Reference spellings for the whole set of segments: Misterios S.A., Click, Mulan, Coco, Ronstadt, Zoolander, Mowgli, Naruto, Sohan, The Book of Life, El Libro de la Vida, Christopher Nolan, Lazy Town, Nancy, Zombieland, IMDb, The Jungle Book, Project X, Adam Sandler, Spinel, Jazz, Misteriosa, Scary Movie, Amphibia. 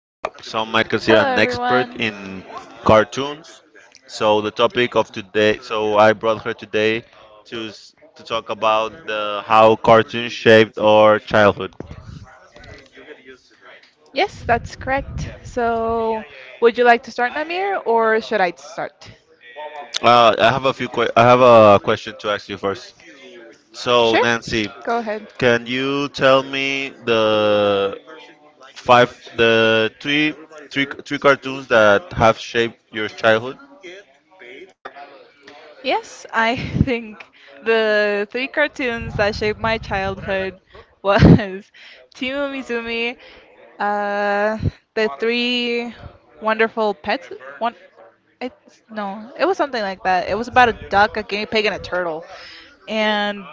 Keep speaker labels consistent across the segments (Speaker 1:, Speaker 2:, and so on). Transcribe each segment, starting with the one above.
Speaker 1: some might consider an expert in cartoons. So, the topic of today, I brought her today to talk about how cartoons shaped our childhood.
Speaker 2: Yes, that's correct. So, would you like to start, Namir, or should I start?
Speaker 1: I have a few. I have a question to ask you first. So,
Speaker 2: Sure,
Speaker 1: Nancy,
Speaker 2: go ahead.
Speaker 1: can you tell me the five, the three, three, three cartoons that have shaped your childhood?
Speaker 2: Yes, I think the three cartoons that shaped my childhood was Timu Mizumi, uh, the three wonderful pets. One, it's no, it was something like that. It was about a duck, a guinea pig, and a turtle. And.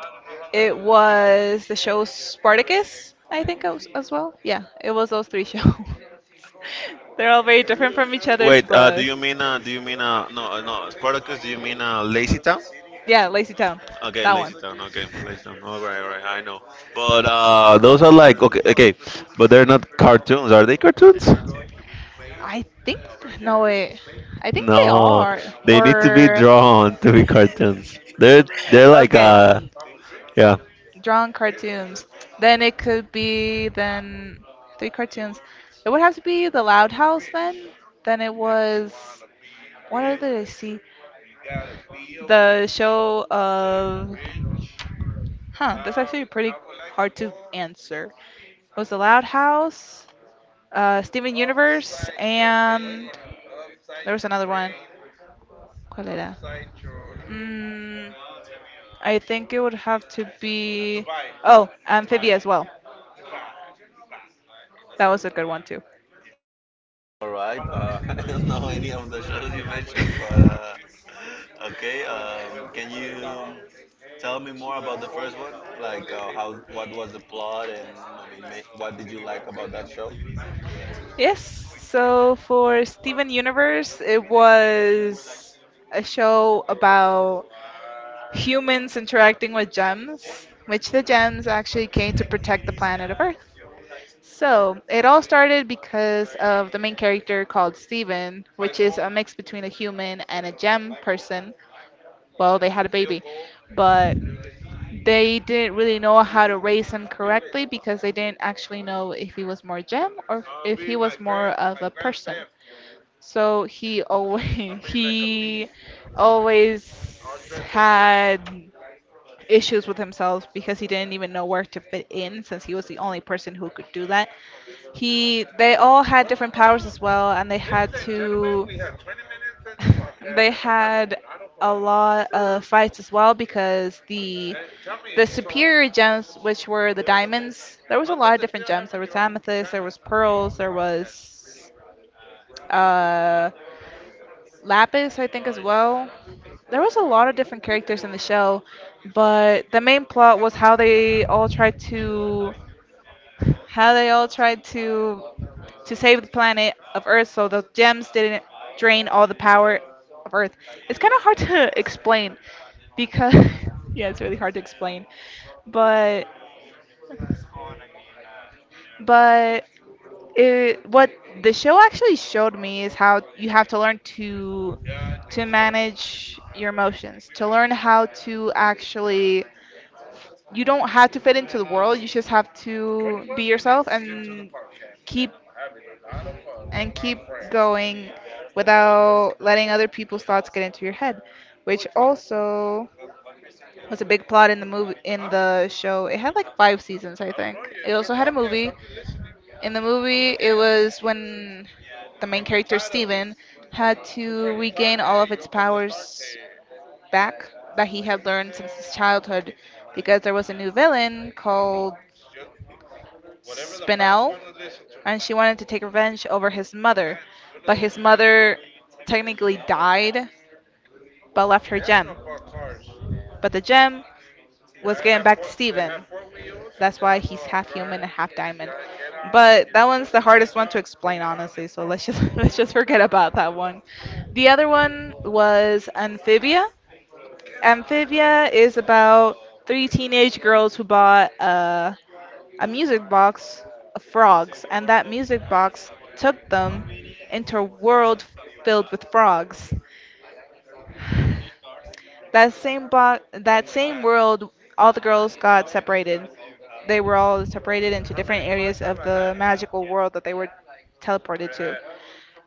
Speaker 2: It was the show Spartacus, I think, as well. Yeah, it was those three shows. They're all very different from each other's,
Speaker 1: Wait,
Speaker 2: but
Speaker 1: do you mean no Spartacus? Do you mean Lazy Town?
Speaker 2: yeah, Lazy Town,
Speaker 1: Okay,
Speaker 2: that
Speaker 1: Lazy
Speaker 2: one.
Speaker 1: Town. Okay, Lazy Town. All right, all right. I know, but those are like okay, okay, but they're not cartoons. Are they cartoons?
Speaker 2: I think, no, wait, I think they
Speaker 1: No,
Speaker 2: are,
Speaker 1: they need to be
Speaker 2: or
Speaker 1: drawn to be cartoons. They're like
Speaker 2: okay.
Speaker 1: yeah.
Speaker 2: Drawn cartoons, then it could be, then three cartoons. It would have to be The Loud House then. Then it was, what other did I see? The show of huh. That's actually pretty hard to answer. It was The Loud House, Steven Universe, and there was another one. ¿Cuál era? Mm, I think it would have to be. Oh, Amphibia as well. That was a good one too.
Speaker 1: All right. I don't know any of the shows you mentioned, but okay. Can you tell me more about the first one? Like, what was the plot, and I mean, what did you like about that show?
Speaker 2: Yes. So for Steven Universe, it was a show about humans interacting with gems, which the gems actually came to protect the planet of Earth. So, it all started because of the main character called Steven, which is a mix between a human and a gem person. Well, they had a baby, but they didn't really know how to raise him correctly because they didn't actually know if he was more gem or if he was more of a person. So he always he always had issues with himself because he didn't even know where to fit in since he was the only person who could do that. They all had different powers as well, and they had to. They had a lot of fights as well because the superior gems, which were the diamonds, there was a lot of different gems. There was amethyst, there was pearls, there was uh, lapis, I think as well. There was a lot of different characters in the show, but the main plot was how they all tried to save the planet of Earth so the gems didn't drain all the power of Earth. It's kind of hard to explain because yeah, it's really hard to explain. But but what the show actually showed me is how you have to learn to manage your emotions, to learn how to, actually, you don't have to fit into the world. You just have to be yourself keep and keep going without letting other people's thoughts get into your head, which also was a big plot in the show. It had like 5 seasons, I think. It also had a movie. In the movie, it was when the main character Steven had to regain all of its powers back that he had learned since his childhood because there was a new villain called Spinel, and she wanted to take revenge over his mother. But his mother technically died but left her gem. But the gem was getting back to Steven. That's why he's half human and half diamond. But that one's the hardest one to explain, honestly. So let's just let's just forget about that one. The other one was Amphibia. Amphibia is about three teenage girls who bought a music box of frogs, and that music box took them into a world filled with frogs. That same world, all the girls got separated. They were all separated into different areas of the magical world that they were teleported to.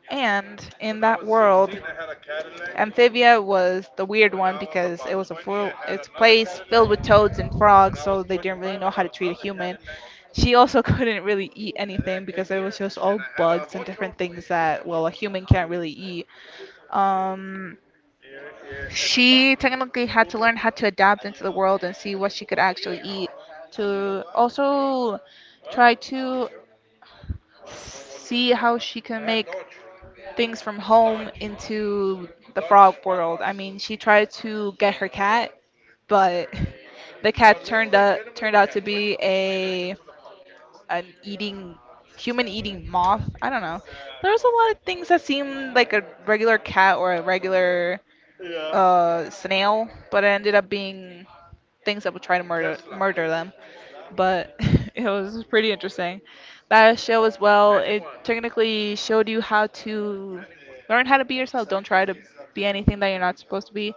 Speaker 2: And in that world, Amphibia was the weird one because it was a full, it's a place filled with toads and frogs, so they didn't really know how to treat a human. She also couldn't really eat anything because it was just all bugs and different things that, well, a human can't really eat. Um, she technically had to learn how to adapt into the world and see what she could actually eat, to also try to see how she can make things from home into the frog world. I mean, she tried to get her cat, but the cat turned out to be a an eating human eating moth. I don't know. There's a lot of things that seem like a regular cat or a regular snail, but it ended up being things that would try to murder them. But it was pretty interesting. That show as well, it technically showed you how to learn how to be yourself. Don't try to be anything that you're not supposed to be.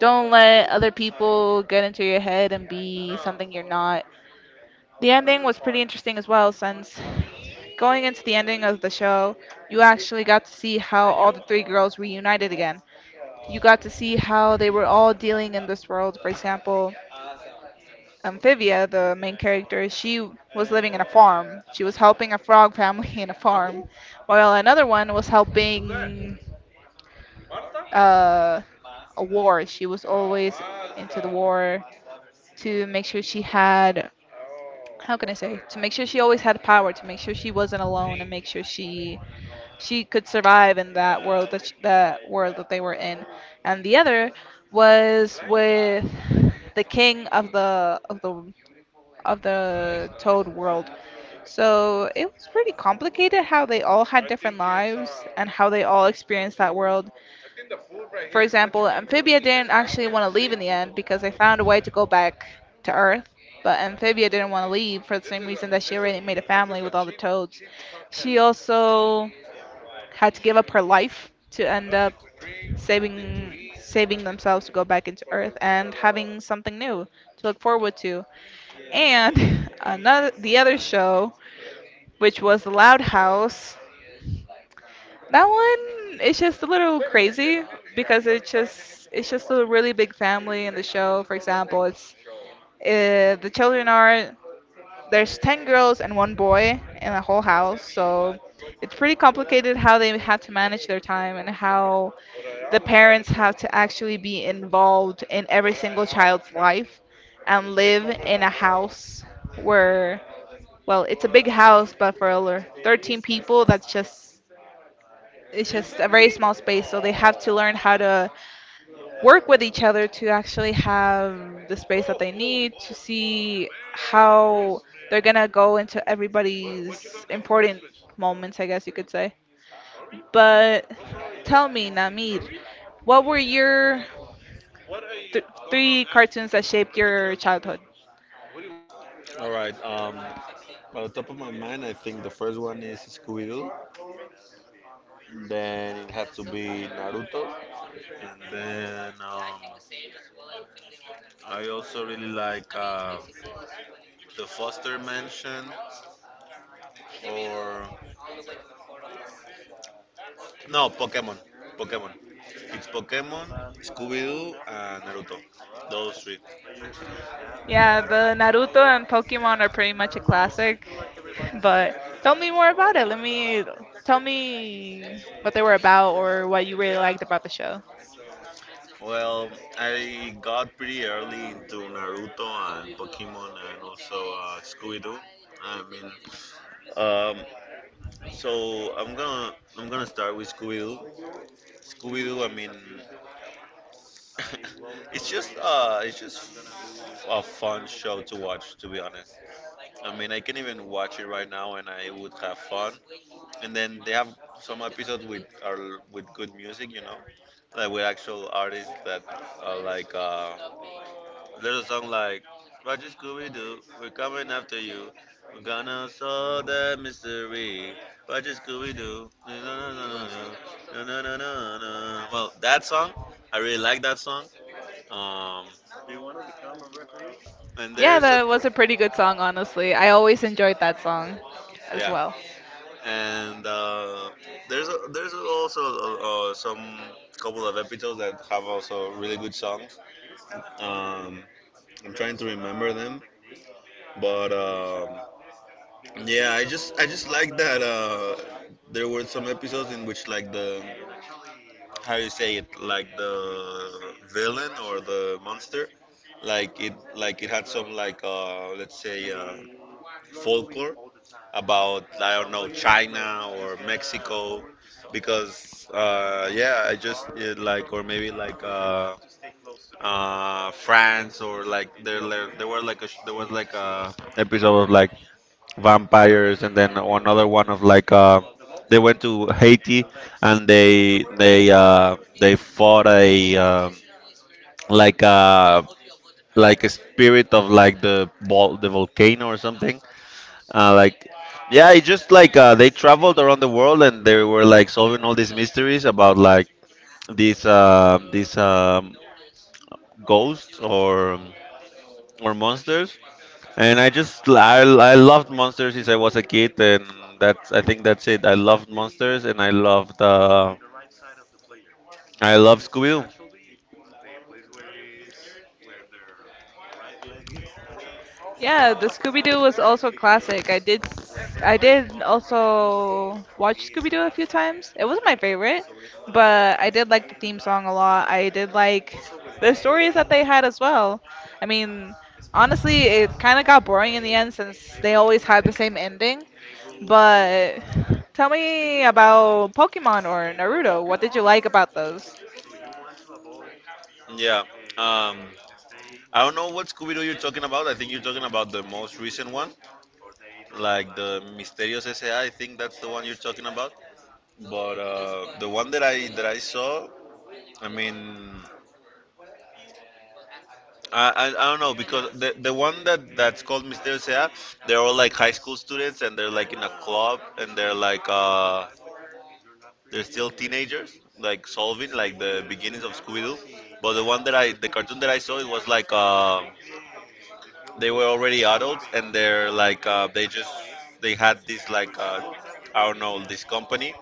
Speaker 2: Don't let other people get into your head and be something you're not. The ending was pretty interesting as well, since going into the ending of the show, you actually got to see how all the three girls reunited again. You got to see how they were all dealing in this world. For example, Amphibia, the main character, she was living in a farm. She was helping a frog family in a farm, while another one was helping uh, a war. She was always into the war to make sure she had, how can I say, to make sure she always had power, to make sure she wasn't alone, and make sure she could survive in that world that world that they were in. And the other was with the king of the Toad world, so it was pretty complicated how they all had different lives and how they all experienced that world. For example, Amphibia didn't actually want to leave in the end because they found a way to go back to Earth, but Amphibia didn't want to leave for the same reason that she already made a family with all the toads. She also had to give up her life to end up saving themselves to go back into Earth and having something new to look forward to. And another the other show, which was the Loud House. That one, it's just a little crazy because it's just a really big family in the show. For example, it's the children are, there's 10 girls and one boy in the whole house, so it's pretty complicated how they have to manage their time and how the parents have to actually be involved in every single child's life and live in a house where, well, it's a big house, but for 13 people, that's just, it's just a very small space. So they have to learn how to work with each other to actually have the space that they need to see how they're gonna go into everybody's important moments, I guess you could say. But tell me, Namir, what were your th- three cartoons that shaped your childhood?
Speaker 1: All right. On top of my mind, I think the first one is Scooby Doo. Then it had to be Naruto, and then I also really like the Foster Mansion or no, Pokemon. Pokemon. It's Pokemon, Scooby Doo, and Naruto. Those three.
Speaker 2: Yeah, but Naruto and Pokemon are pretty much a classic. But tell me more about it. Let me tell me what they were about or what you really liked about the show.
Speaker 1: Well, I got pretty early into Naruto and Pokemon and also Scooby Doo. I mean, um, I'm gonna start with Scooby Doo. Scooby Doo. I mean, it's just a fun show to watch. To be honest, I mean, I can even watch it right now and I would have fun. And then they have some episodes with are with good music, you know, like with actual artists that are like there's a song like Roger Scooby Doo, we're coming after you, we're gonna solve the mystery. Roger Scooby Doo, no no no no no no no no no. Well, that song, I really like that song. Um, and
Speaker 2: Yeah,
Speaker 1: there's a
Speaker 2: that was a pretty good song, honestly. I always enjoyed that song as
Speaker 1: yeah.
Speaker 2: well.
Speaker 1: And there's also some couple of episodes that have also really good songs. Um, I'm trying to remember them, but yeah, I just like that there were some episodes in which like the how you say it, like the villain or the monster, like it had some like let's say folklore about, I don't know, China or Mexico because yeah like, or maybe like France, or like there were like there was like a episode of like vampires, and then another one of like they went to Haiti and they fought a like a like a spirit of like the volcano or something, uh, like, yeah, it just like they traveled around the world and they were like solving all these mysteries about these ghosts or monsters. And I loved monsters since I was a kid, and that's I think that's it. I loved monsters and I loved I love Scooby Doo.
Speaker 2: Yeah, the Scooby Doo was also a classic. I did also watch Scooby Doo a few times. It wasn't my favorite, but I did like the theme song a lot. I did like the stories that they had as well. I mean, honestly, it kind of got boring in the end since they always had the same ending. But tell me about Pokemon or Naruto. What did you like about those?
Speaker 1: Yeah. Um, I don't know what Scooby Doo you're talking about. I think you're talking about the most recent one, like the Misterios S.A. I think that's the one you're talking about. But the one that I saw, I mean, I don't know because the one that that's called Misteriosa, they're all like high school students and they're like in a club and they're like they're still teenagers like solving like the beginnings of Scooby Doo. But the one that I the cartoon that I saw, it was like they were already adults and they're like they had this like I don't know, this company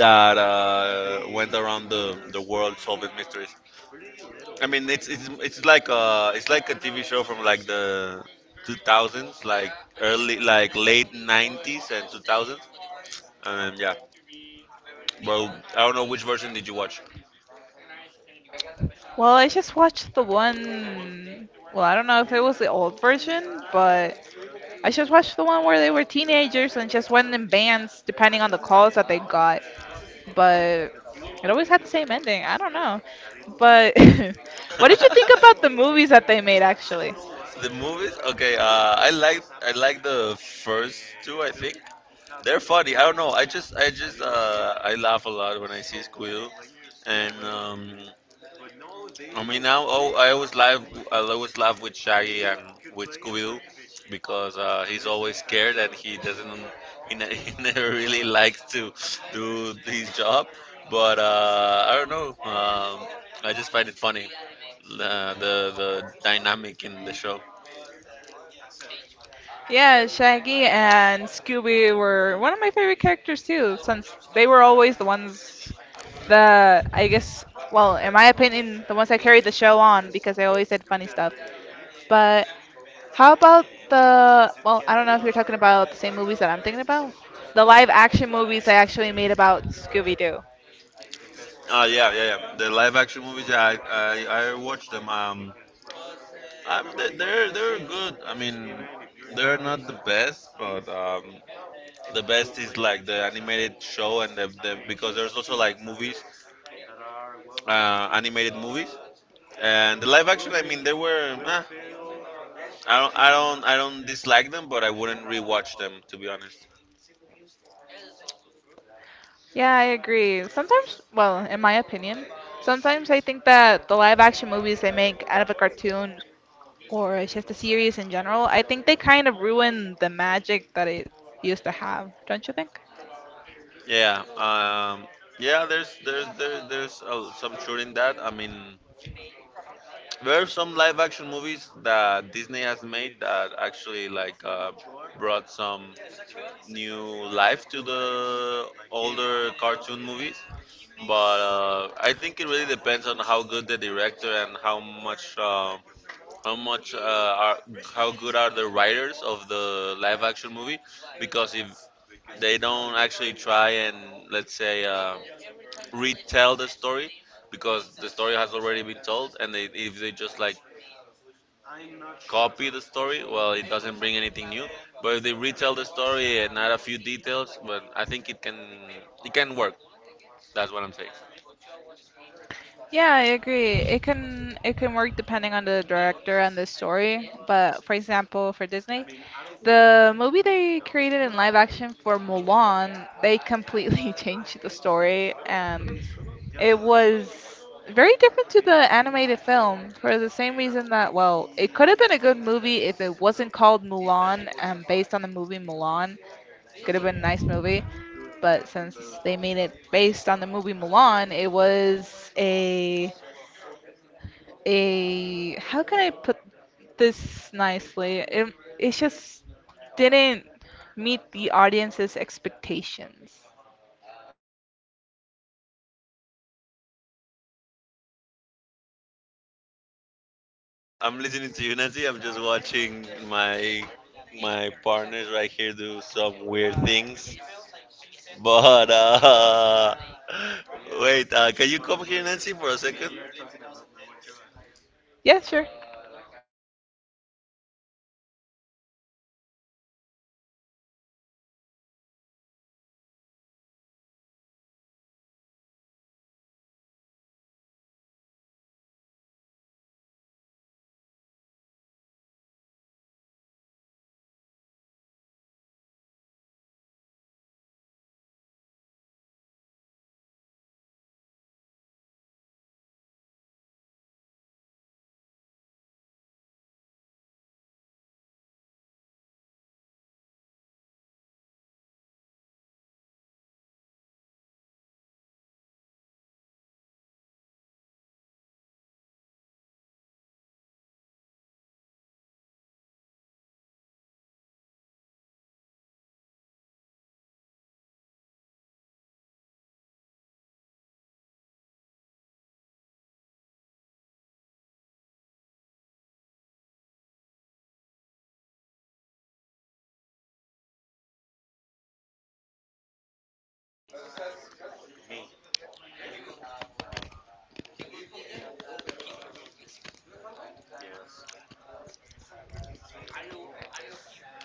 Speaker 1: that went around the world solving mysteries. I mean, it's like a TV show from like the 2000s, like early, like late 90s and 2000s. And yeah, well, I don't know which version did you watch.
Speaker 2: Well, I just watched the one. Well, I don't know if it was the old version, but I just watched the one where they were teenagers and just went in bands depending on the calls that they got. But it always had the same ending. I don't know. But what did you think about the
Speaker 1: The
Speaker 2: movies that they made actually?
Speaker 1: movies, okay. I like the first two. I think they're funny. I don't know. I just I laugh a lot when I see Squeal. And I mean now, oh, I always laugh. I always laugh with Shaggy and with Scooby because he's always scared and he doesn't he, ne- he never really likes to do his job, but I don't know, I just find it funny, the dynamic in the show.
Speaker 2: Yeah, Shaggy and Scooby were one of my favorite characters too, since they were always the ones that, I guess, well, in my opinion, the ones that carried the show on because they always did funny stuff. But how about the, well, I don't know if you're talking about the same movies that I'm thinking about. The live action movies I actually made about Scooby Doo.
Speaker 1: Yeah, yeah, yeah. The live action movies, yeah, I watch them. They're good. I mean, they're not the best, but the best is like the animated show and the, because there's also like movies, animated movies. And the live action, I mean, they were. Eh, I don't, I don't, I don't dislike them, but I wouldn't rewatch them, to be honest.
Speaker 2: Yeah, I agree. Sometimes, well, in my opinion, sometimes I think that the live action movies they make out of a cartoon, or it's just a series in general, I think they kind of ruin the magic that it used to have, don't you think?
Speaker 1: Yeah, yeah. There's some truth in that. I mean, there are some live action movies that Disney has made that actually like brought some new life to the older cartoon movies. But I think it really depends on how good the director and how much. How much are How good are the writers of the live action movie, because if they don't actually try and let's say retell the story, because the story has already been told, and if they just like copy the story, well, it doesn't bring anything new, but if they retell the story and add a few details, well, I think it can work. That's what I'm saying.
Speaker 2: Yeah, I agree. It can work depending on the director and the story. But for example, for Disney, the movie they created in live action for Mulan, they completely changed the story and it was very different to the animated film for the same reason that, well, it could have been a good movie if it wasn't called Mulan and based on the movie Mulan. Could have been a nice movie, but since they made it based on the movie Mulan, it was a how can I put this nicely? It just didn't meet the audience's expectations.
Speaker 1: I'm listening to you, Nancy. I'm just watching my my partners right here do some weird things. But wait, can you come here, Nancy, for a second?
Speaker 2: Yeah, sure.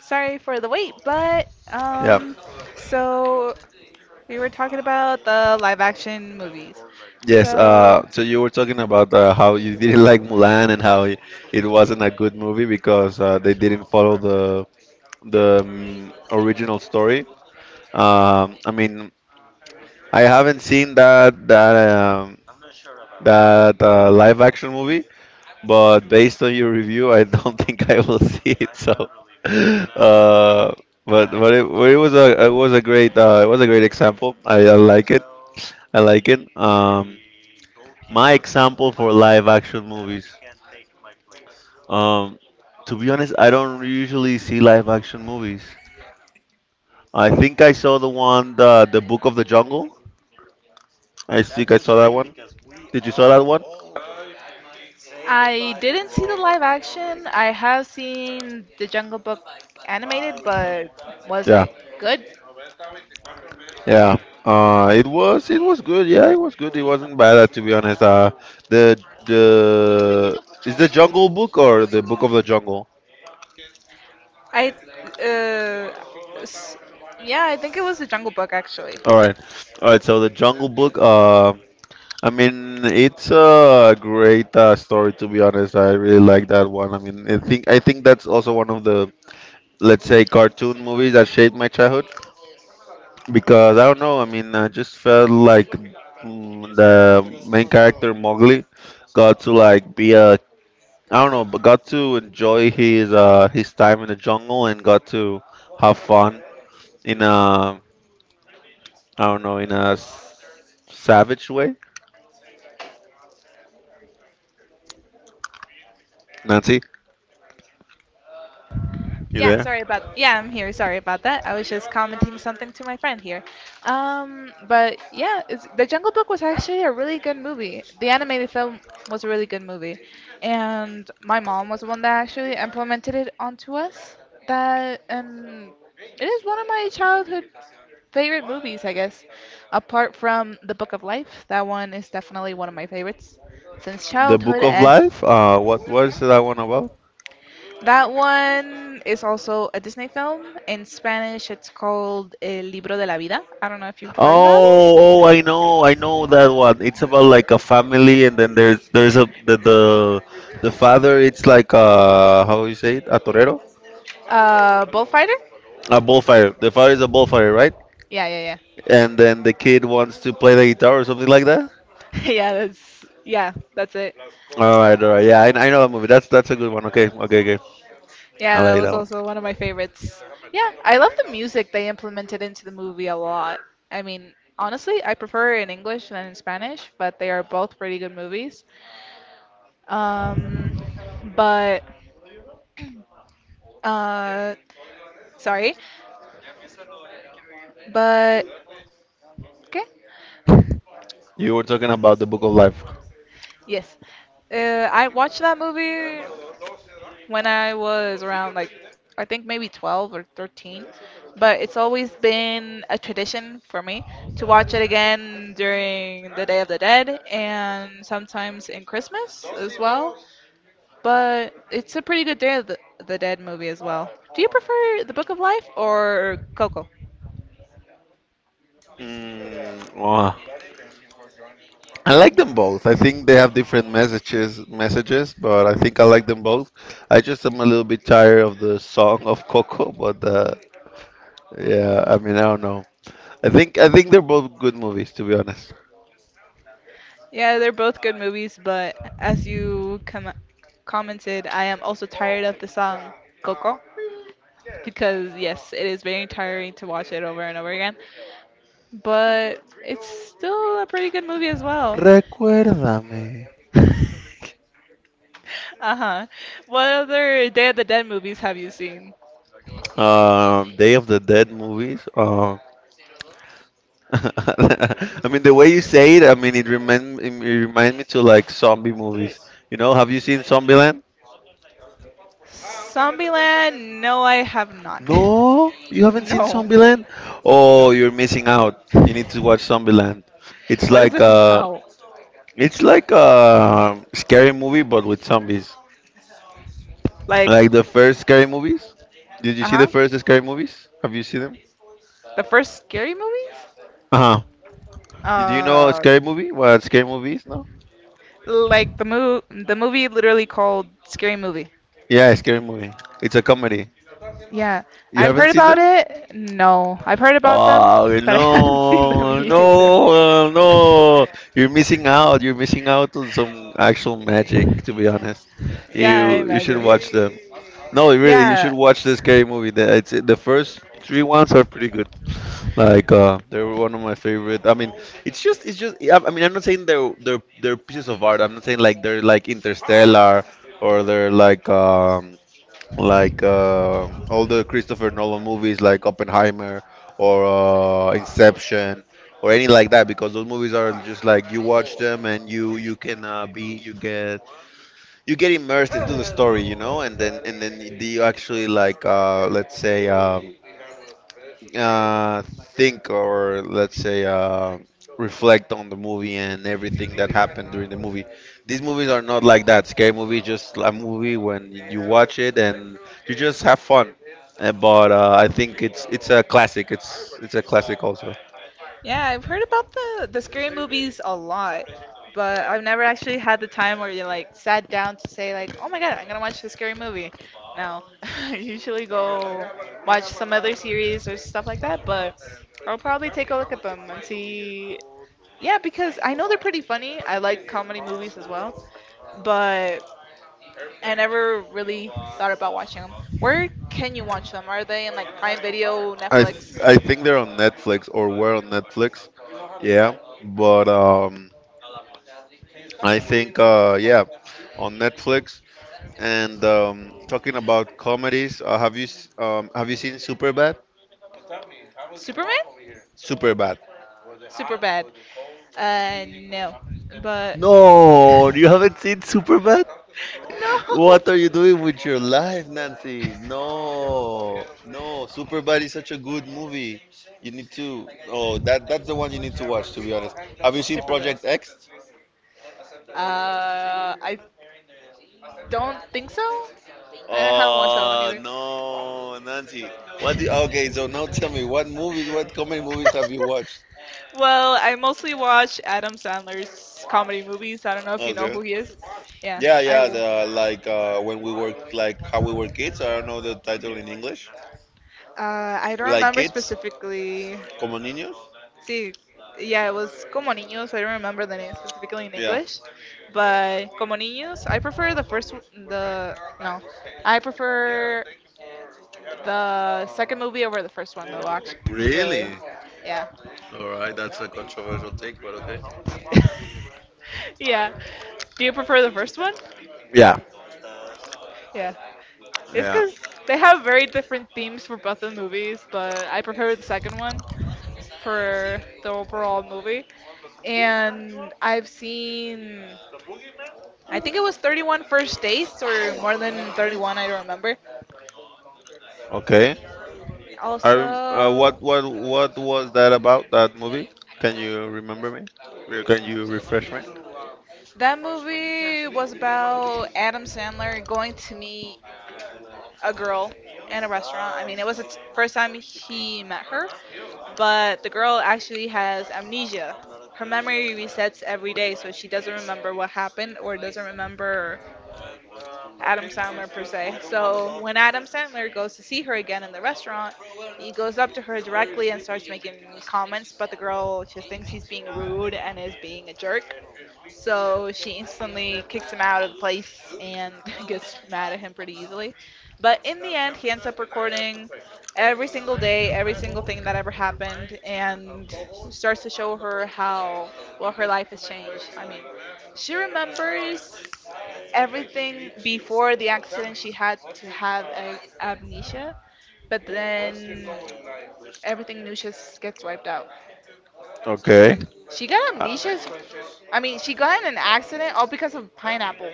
Speaker 2: Sorry for the wait, but
Speaker 1: Yeah.
Speaker 2: so we were talking about the live action movies.
Speaker 1: Yes.
Speaker 2: So
Speaker 1: You were talking about how you didn't like Mulan and how it wasn't a good movie because they didn't follow the original story. I mean, I haven't seen that live action movie, but based on your review, I don't think I will see it. So, uh, but but it was a great it was a great example. I like it. I like it. My example for live action movies. Um, to be honest, I don't usually see live action movies. I think I saw the one the Book of the Jungle. I s-
Speaker 2: I didn't see the live action. I have seen the Jungle Book animated, but was
Speaker 1: yeah
Speaker 2: it good?
Speaker 1: Yeah, it was good. Yeah, it was good. It wasn't bad, to be honest. The the Is the Jungle Book or the Book of the Jungle?
Speaker 2: I uh, s- yeah, I think it was the Jungle Book actually.
Speaker 1: All right, all right. So the Jungle Book. I mean, it's a great story, to be honest. I really like that one. I mean, I think that's also one of the, let's say, cartoon movies that shaped my childhood because I don't know. I mean, I just felt like the main character Mowgli got to like be a, I don't know, but got to enjoy his time in the jungle and got to have fun in a, I don't know, in a savage way. Nancy, you there?
Speaker 2: Yeah, I'm here. Sorry about that. I was just commenting something to my friend here. But yeah, The Jungle Book was actually a really good movie. The animated film was a really good movie, and my mom was the one that actually implemented it onto us. That, and it is one of my childhood favorite movies, I guess. Apart from The Book of Life, that one is definitely one of my favorites since
Speaker 1: The
Speaker 2: childhood.
Speaker 1: Book of
Speaker 2: And
Speaker 1: Life. What is that one about?
Speaker 2: that one is also a Disney film. In Spanish, it's called El Libro de la Vida. I don't know if you've heard about it.
Speaker 1: Oh, oh, I know that one. It's about like a family, and then there's a the father. It's like, how you say it, a torero,
Speaker 2: Bullfighter?
Speaker 1: a bullfighter. The father is a bullfighter, right?
Speaker 2: Yeah, yeah, yeah.
Speaker 1: And then the kid wants to play the guitar or something like that.
Speaker 2: Yeah, that's yeah, that's it.
Speaker 1: All right, all right. Yeah, I know that movie. That's a good one. Okay, okay, okay.
Speaker 2: Yeah,
Speaker 1: I
Speaker 2: that
Speaker 1: like that
Speaker 2: was
Speaker 1: one.
Speaker 2: also one of my favorites. Yeah, I love the music they implemented into the movie a lot. I mean, honestly, I prefer it in English than in Spanish, but they are both pretty good movies. Um, but uh, sorry, but okay,
Speaker 1: You were talking about the Book of Life.
Speaker 2: Yes, uh, I watched that movie when I was around like I think maybe 12 or 13, but it's always been a tradition for me to watch it again during the Day of the Dead and sometimes in Christmas as well. But it's a pretty good Day of the Dead movie as well. Do you prefer The Book of Life or Coco?
Speaker 1: Oh, I like them both. I think they have different messages, but I think I like them both. I just am a little bit tired of the song of Coco, but yeah, I mean, I don't know. I think they're both good movies, to be honest.
Speaker 2: Yeah, they're both good movies, but as you commented, I am also tired of the song Coco because, yes, it is very tiring to watch it over and over again, but it's still a pretty good movie as well.
Speaker 1: Recuérdame.
Speaker 2: Uh-huh. What other Day of the Dead movies have you seen?
Speaker 1: Day of the Dead movies. I mean, the way you say it, I mean, it remind me to like zombie movies. You know, have you seen Zombieland?
Speaker 2: Zombieland? No, I have not.
Speaker 1: No, you haven't seen
Speaker 2: No,
Speaker 1: Zombieland? Oh,
Speaker 2: no.
Speaker 1: you're missing out. You need to watch Zombieland. It's
Speaker 2: What is
Speaker 1: like
Speaker 2: it about?
Speaker 1: scary movies,
Speaker 2: Like,
Speaker 1: like the first scary movies. Did you see the
Speaker 2: uh-huh.
Speaker 1: first scary movies? Have you seen them?
Speaker 2: The first scary movies?
Speaker 1: Uh huh. Did you
Speaker 2: Uh,
Speaker 1: know?
Speaker 2: like the movie literally called Scary Movie.
Speaker 1: Yeah, scary movie. It's a comedy.
Speaker 2: Yeah,
Speaker 1: You
Speaker 2: I've
Speaker 1: haven't
Speaker 2: heard
Speaker 1: seen
Speaker 2: about
Speaker 1: them?
Speaker 2: it. No, I've heard about them,
Speaker 1: Oh,
Speaker 2: but I haven't seen them
Speaker 1: no,
Speaker 2: either.
Speaker 1: no, no. You're missing out. You're missing out on some actual magic, to be honest.
Speaker 2: Yeah, I
Speaker 1: You should
Speaker 2: imagine.
Speaker 1: watch them. No, really, you should
Speaker 2: Yeah,
Speaker 1: watch the scary movie. The first three ones are pretty good. They were one of my favorite. I mean, it's just, I mean, I'm not saying they're pieces of art. I'm not saying like they're like Interstellar or they're like, all the Christopher Nolan movies, like Oppenheimer or Inception or any like that, because those movies are just like you watch them and you can be you get immersed into the story, you know, and then you actually like let's say. uh, think or let's say reflect on the movie and everything that happened during the movie. These movies are not like that. Scary movie is just a movie when you watch it and you just have fun. But I think it's a classic. It's a classic also.
Speaker 2: Yeah, I've heard about the scary movies a lot, but I've never actually had the time where you like sat down to say like, "Oh my God, I'm gonna watch the scary movie." No, I usually go watch some other series or stuff like that, but I'll probably take a look at them and see. Yeah, because I know they're pretty funny. I like comedy movies as well, but I never really thought about watching them. Where can you watch them? Are they in like Prime Video, Netflix?
Speaker 1: I think they're on Netflix or were on Netflix. Yeah, but I think yeah, on Netflix. And talking about comedies, have you seen Superbad? Superbad.
Speaker 2: Super bad. Uh,
Speaker 1: No, you haven't seen Superbad? What are you doing with your life, Nancy? No, no, Superbad is such a good movie. You need to. Oh, that's the one you need to watch. To be honest, have you seen
Speaker 2: Super bad.
Speaker 1: Project X?
Speaker 2: I don't think so. I haven't watched that one
Speaker 1: Oh
Speaker 2: either.
Speaker 1: no, Nancy. What? Okay, so now tell me, what movies, what comedy movies
Speaker 2: Accept
Speaker 1: have you
Speaker 2: it.
Speaker 1: watched?
Speaker 2: Well, I mostly watch Adam Sandler's comedy movies. I don't know if you know
Speaker 1: Okay.
Speaker 2: who he is. Yeah,
Speaker 1: Yeah,
Speaker 2: I
Speaker 1: yeah.
Speaker 2: will.
Speaker 1: The when we were like how we were kids. I don't know the title in English.
Speaker 2: Uh, I don't
Speaker 1: Like
Speaker 2: remember
Speaker 1: kids,
Speaker 2: specifically.
Speaker 1: como niños.
Speaker 2: See, yeah, it was Como Niños. I don't remember the name specifically in
Speaker 1: Yeah.
Speaker 2: English. But como niños, I prefer the first w- the no, I prefer the second movie over the first one though. Actually, really,
Speaker 1: Really?
Speaker 2: yeah.
Speaker 1: All right, that's a controversial take, but okay.
Speaker 2: yeah. Do you prefer the first one? Yeah. It's
Speaker 1: Yeah.
Speaker 2: because they have very different themes for both of the movies, but I prefer the second one for the overall movie. And I've seen I think it was 31 first dates or more than 31, I don't remember.
Speaker 1: Okay.
Speaker 2: Also,
Speaker 1: What what was that about that movie? Can you remember me? We Can you refresh me?
Speaker 2: that movie was about Adam Sandler going to meet a girl in a restaurant. I mean, it was the first time he met her, but the girl actually has amnesia. Her memory resets every day, so she doesn't remember what happened or doesn't remember Adam Sandler per se. So when Adam Sandler goes to see her again in the restaurant, he goes up to her directly and starts making comments, but the girl just thinks he's being rude and is being a jerk. So she instantly kicks him out of the place and gets mad at him pretty easily. But in the end, he ends up recording every single day, every single thing that ever happened, and starts to show her how well her life has changed. I mean, she remembers everything before the accident. She had to have amnesia, but then everything new just gets wiped out.
Speaker 1: Okay.
Speaker 2: She got
Speaker 1: Uh,
Speaker 2: amnesia. I mean, she got in an accident all because of pineapple,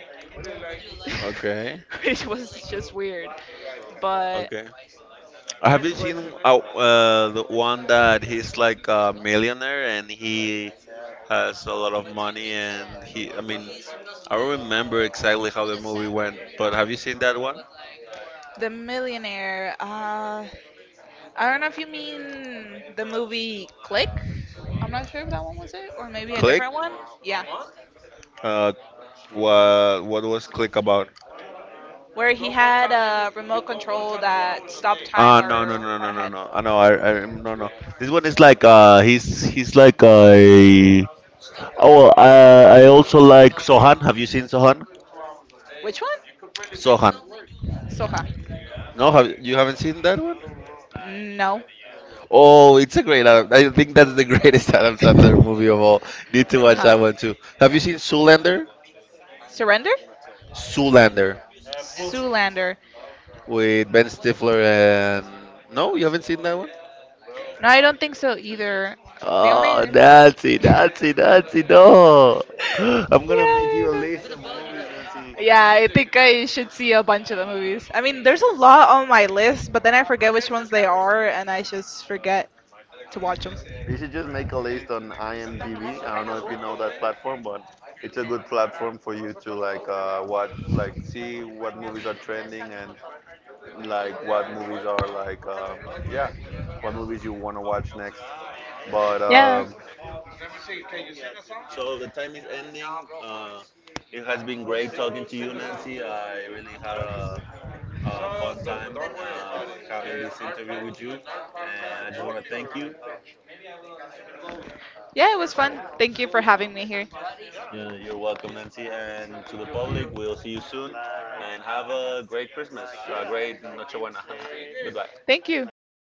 Speaker 1: okay.
Speaker 2: which was just weird. But
Speaker 1: Okay. Have you seen the one that he's like a millionaire and he has a lot of money and he, I don't remember exactly how the movie went, but have you seen that one?
Speaker 2: the millionaire, I don't know if you mean the movie Click. I'm not sure if that one was it, or maybe a
Speaker 1: Click?
Speaker 2: different one. Yeah,
Speaker 1: Uh, what was Click about?
Speaker 2: where he had a remote control that stopped time
Speaker 1: Uh, no no
Speaker 2: or
Speaker 1: no
Speaker 2: went
Speaker 1: no no
Speaker 2: ahead.
Speaker 1: no. I know I no no. This one is like he's like a, oh well, I also like Sohan. Have you seen Sohan?
Speaker 2: Which one?
Speaker 1: Sohan.
Speaker 2: Soha.
Speaker 1: No, haven't seen that one?
Speaker 2: No.
Speaker 1: Oh, it's a great. Adam- I think that's the greatest Adam Sandler movie of all. Need to
Speaker 2: Uh
Speaker 1: watch
Speaker 2: huh.
Speaker 1: that one too. Have you seen Zoolander?
Speaker 2: Surrender?
Speaker 1: Zoolander
Speaker 2: Zoolander.
Speaker 1: with Ben Stifler and no, you haven't seen that one.
Speaker 2: No, I don't think so either. The only.
Speaker 1: Oh, Nancy,
Speaker 2: yeah,
Speaker 1: Nancy, Nancy, no! I'm gonna make
Speaker 2: I
Speaker 1: you a
Speaker 2: know.
Speaker 1: list of movies, Nancy.
Speaker 2: Yeah, I think I should see a bunch of the movies. I mean, there's a lot on my list, but then I forget which ones they are, and I just forget to watch them.
Speaker 1: You should just make a list on IMDb. I don't know if you know that platform, but it's a good platform for you to like watch, like see what movies are trending and like what movies are like, yeah, what movies you want to watch next. But
Speaker 2: Yeah.
Speaker 1: so the time is ending. Uh, it has been great talking to you, Nancy. I really had a fun time having this interview with you, and I just
Speaker 2: Yeah, it was fun. Thank you for having me here.
Speaker 1: yeah, you're welcome, Nancy. And to the public, we'll see you soon. Have a great Christmas. Goodbye.
Speaker 2: Thank you. You as well.